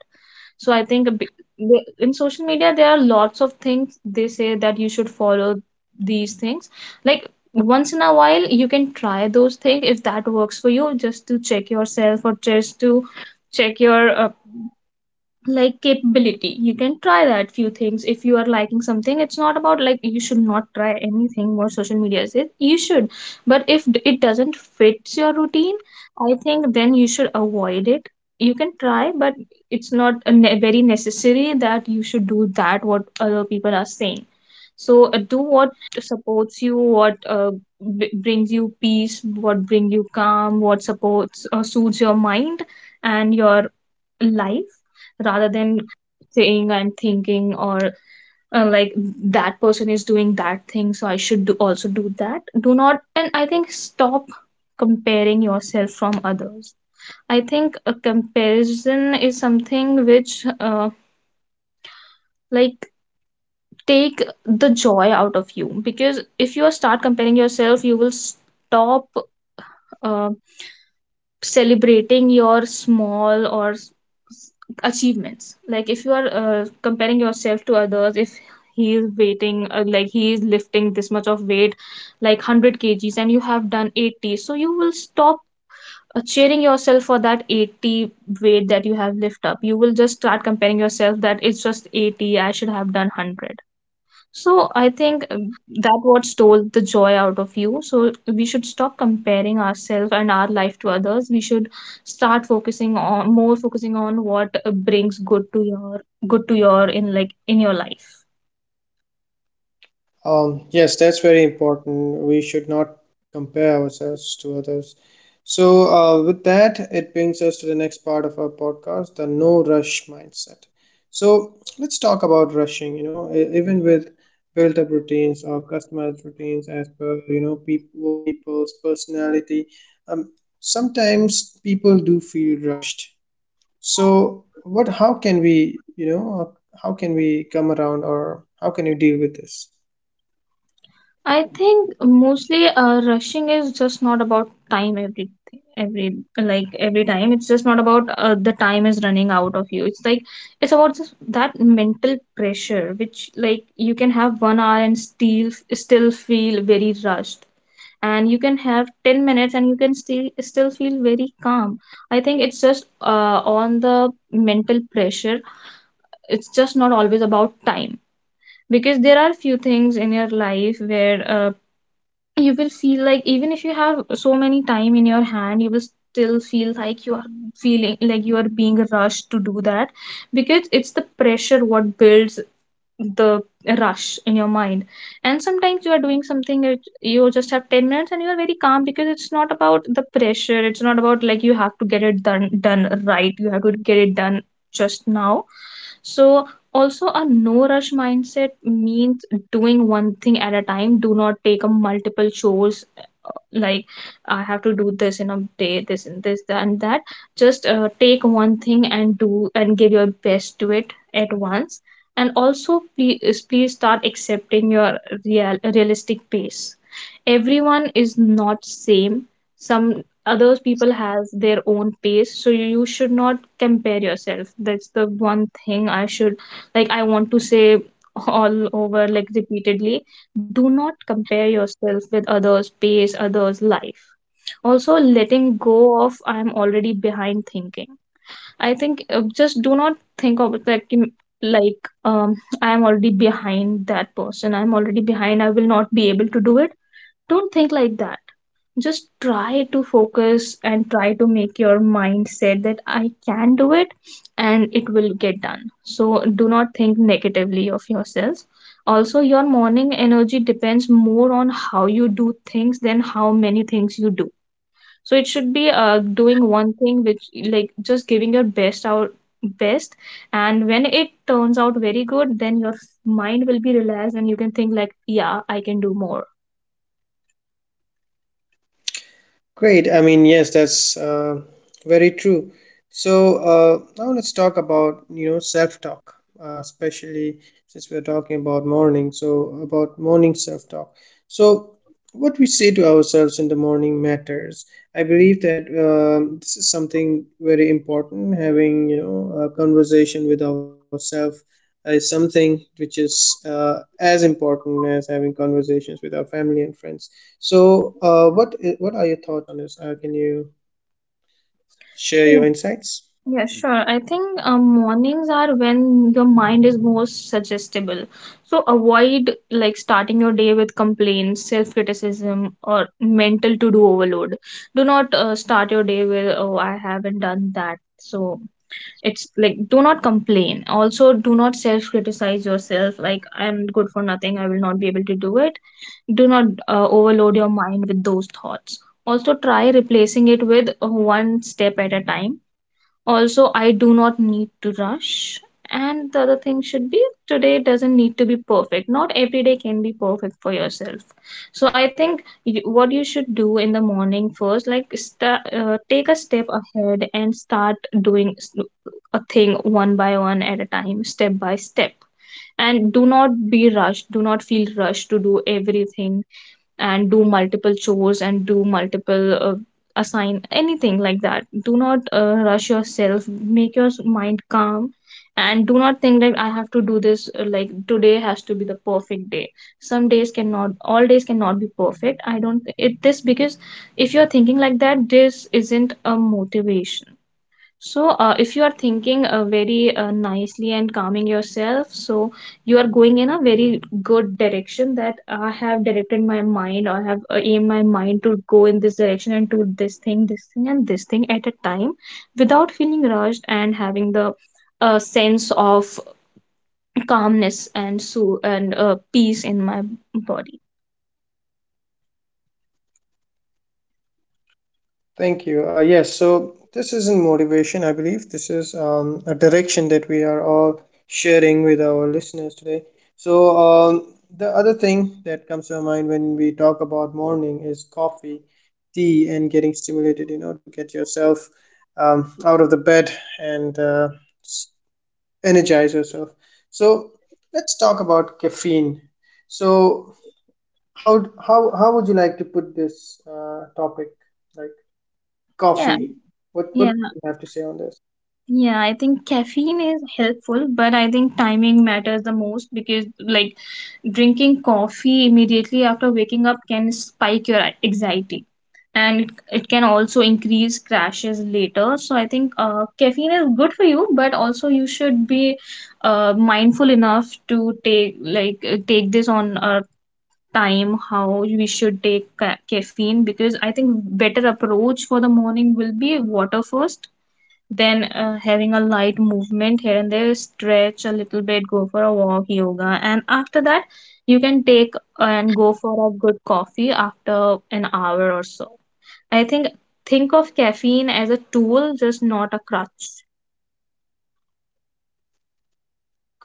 [SPEAKER 2] So I think a bi- the- In social media there are lots of things they say that you should follow these things. Like, once in a while, you can try those things if that works for you, just to check yourself or just to check your capability. You can try that few things if you are liking something. It's not about like you should not try anything what social media says you should. But if d- it doesn't fits your routine, I think then you should avoid it. You can try, but it's not a very necessary that you should do that what other people are saying. So do what supports you, what brings you peace, what brings you calm, what supports, suits your mind and your life, rather than saying and thinking, or uh, like that person is doing that thing, so I should also do that. Do not. And I think stop comparing yourself from others. I think a comparison is something which like take the joy out of you, because if you start comparing yourself, you will stop uh, celebrating your small achievements. Like, if you are comparing yourself to others, if he is waiting, he is lifting this much of weight, like 100 kgs, and you have done 80, so you will stop cheering yourself for that 80 weight that you have lift up. You will just start comparing yourself that it's just 80, I should have done 100. So I think that what stole the joy out of you. So we should stop comparing ourselves and our life to others. We should start focusing on, more focusing on what brings good to your, good to your, in like in your life.
[SPEAKER 1] Yes, that's very important. We should not compare ourselves to others. So, with that, it brings us to the next part of our podcast, the no rush mindset. So let's talk about rushing. You know, even with built up routines or customized routines as per, you know, people, people's personality, um, sometimes people do feel rushed. So what, how can we, you know, how can we come around or how can you deal with this?
[SPEAKER 2] I think mostly rushing is just not about time. Every, like, every time it's just not about the time is running out of you. It's like, it's about this, that mental pressure, which like you can have 1 hour and still feel very rushed, and you can have 10 minutes and you can still feel very calm. I think it's just on the mental pressure. It's just not always about time, because there are few things in your life where you will feel like even if you have so many time in your hand, you will still feel like you are feeling like you are being rushed to do that, because it's the pressure what builds the rush in your mind. And sometimes you are doing something, you just have 10 minutes and you are very calm, because it's not about the pressure. It's not about like you have to get it done right. You have to get it done just now. So also a no rush mindset means doing one thing at a time. Do not take up multiple chores. Like, I have to do this in a day, this and this, and that. Just take one thing and do and give your best to it at once. And also, please start accepting your realistic pace. Everyone is not same. Some others people has their own pace, so you should not compare yourself. That's the one thing I should, like, I want to say all over, like, repeatedly: do not compare yourself with others pace, others life. Also letting go of I'm already behind thinking. I think just do not think of it like like um, I am already behind that person. I'm already behind. I will not be able to do it. Don't think like that. Just try to focus and try to make your mindset that I can do it and it will get done. So do not think negatively of yourself. Also, your morning energy depends more on how you do things than how many things you do. So it should be doing one thing which, like, just giving your best, and when it turns out very good, then your mind will be relaxed and you can think like, yeah, I can do more.
[SPEAKER 1] Great. I mean, yes, that's very true. So now let's talk about, you know, self-talk, especially since we're talking about morning. So about morning self-talk. So what we say to ourselves in the morning matters. I believe that, this is something very important. Having, you know, a conversation with ourselves is something which is as important as having conversations with our family and friends. So, what what are your thoughts on this? Can you share your
[SPEAKER 2] Mm,
[SPEAKER 1] insights?
[SPEAKER 2] yeah, sure. I think mornings are when your mind is most suggestible. So avoid, like, starting your day with complaints, self-criticism, or mental to-do overload. Do not start your day with, oh, I haven't done that. So it's like do not complain, also do not self criticize yourself, like I'm good for nothing, I will not be able to do it. Do not overload your mind with those thoughts. Also try replacing it with one step at a time. Also, I do not need to rush. And the other thing should be today doesn't need to be perfect. Not every day can be perfect for yourself. So I think you, what you should do in the morning first, like sta take a step ahead and start doing a thing one by one at a time, step by step. And do not be rushed. Do not feel rushed to do everything and do multiple chores and do multiple assign anything like that. Do not rush yourself, make your mind calm. And do not think like I have to do this, today has to be the perfect day. Some days cannot All days cannot be perfect. I don't it this, because if you're thinking like that, this isn't a motivation. So, if you are thinking very nicely and calming yourself, so you are going in a very good direction, that I have directed my mind, or have aimed my mind to go in this direction and do this thing, and this thing at a time, without feeling rushed and having the sense of calmness and so and peace in my body.
[SPEAKER 1] Thank you. Yes, so this isn't motivation, I believe. This is a direction that we are all sharing with our listeners today. So, the other thing that comes to my mind when we talk about morning is coffee, tea, and getting stimulated, you know, to get yourself out of the bed and s- energize yourself. So let's talk about caffeine. So how would you like to put this topic? Like,
[SPEAKER 2] Yeah,
[SPEAKER 1] coffee. What
[SPEAKER 2] yeah,
[SPEAKER 1] do you have to say on this?
[SPEAKER 2] yeah, I think caffeine is helpful, but I think timing matters the most, because, like, drinking coffee immediately after waking up can spike your anxiety, and it can also increase crashes later. So I think caffeine is good for you, but also you should be mindful enough to take, like, take this on a time, how we should take caffeine. Because I think better approach for the morning will be water first, then having a light movement here and there, stretch a little bit, go for a walk, yoga, and after that, you can take and go for a good coffee after an hour or so. I think of caffeine as a tool, just not a crutch.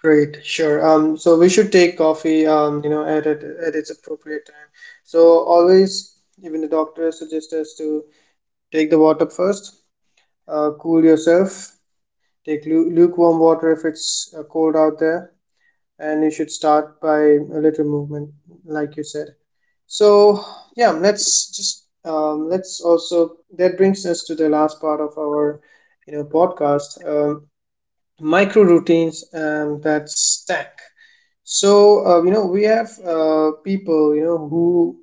[SPEAKER 1] Great, sure. So we should take coffee, you know, at its appropriate time. So always, even the doctor suggests us to take the water first. Cool yourself. Take lukewarm water if it's cold out there, and you should start by a little movement, like you said. So yeah, let's just, let's also, that brings us to the last part of our, you know, podcast. Micro routines that stack. So you know, we have people, you know, who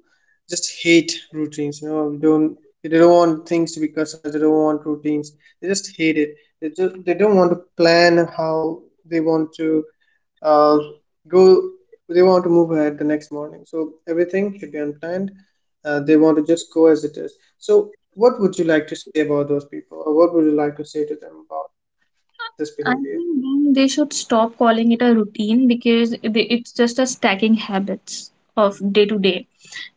[SPEAKER 1] just hate routines. You know, we don't they don't want things to be customized. They don't want routines. They just hate it. They don't want to plan how they want to uh, go. They want to move ahead the next morning. So everything should be unplanned. They want to just go as it is. So what would you like to say about those people, or what would you like to say to them about this
[SPEAKER 2] I
[SPEAKER 1] behavior?
[SPEAKER 2] think then they should stop calling it a routine, because it's just a stacking habits of day to day.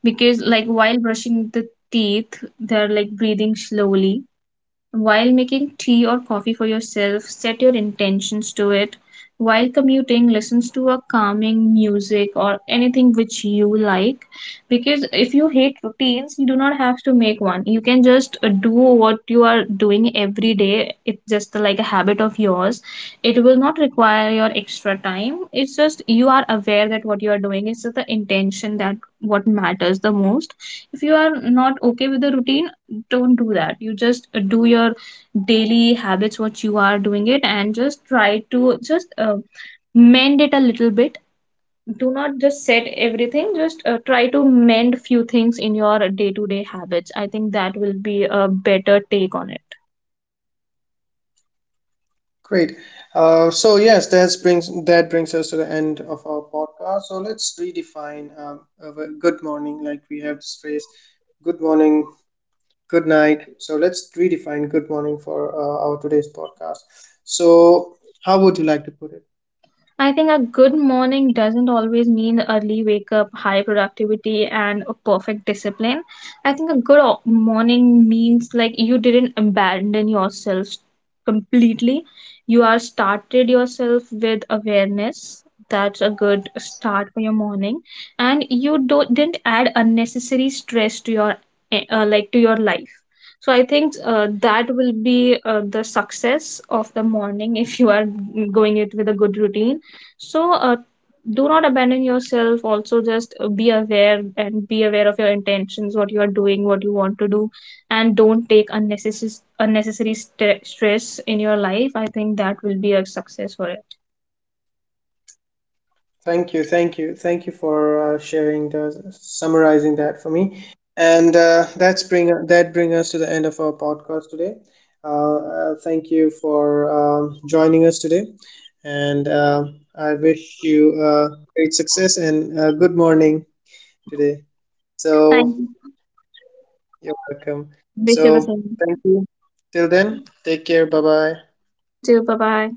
[SPEAKER 2] Because, like, while brushing the teeth, they're like breathing slowly. While making tea or coffee for yourself, set your intentions to it. While commuting, listen to a calming music or anything which you like. Because if you hate routines, you do not have to make one. You can just do what you are doing every day. It's just like a habit of yours. It will not require your extra time. It's just you are aware that what you are doing is the intention that what matters the most. If you are not okay with the routine, don't do that. You just do your daily habits what you are doing it, and just try to just mend it a little bit. Do not just set everything, just try to mend few things in your day to day habits. I think that will be a better take on it.
[SPEAKER 1] Great. So yes, that brings us to the end of our podcast. So let's redefine, of a good morning. Like, we have this phrase, good morning, good night. So let's redefine good morning for our today's podcast. So how would you like to put it?
[SPEAKER 2] I think a good morning doesn't always mean early wake up, high productivity, and a perfect discipline. I think a good morning means like you didn't abandon yourself completely. You are started yourself with awareness. That's a good start for your morning, and you don't didn't add unnecessary stress to your to your life. So I think that will be the success of the morning if you are going it with a good routine. So, do not abandon yourself. Also, just be aware, and be aware of your intentions, what you are doing, what you want to do, and don't take unnecessary stress in your life. I think that will be a success for it.
[SPEAKER 1] Thank you, thank you, thank you for sharing the summarizing that for me. And that bring us to the end of our podcast today. Thank you for joining us today, and I wish you great success and good morning today.
[SPEAKER 2] Thank
[SPEAKER 1] So
[SPEAKER 2] you.
[SPEAKER 1] you're welcome.
[SPEAKER 2] Wish you the
[SPEAKER 1] So
[SPEAKER 2] same.
[SPEAKER 1] thank you. Till then, take care. Bye bye.
[SPEAKER 2] Too. Bye bye.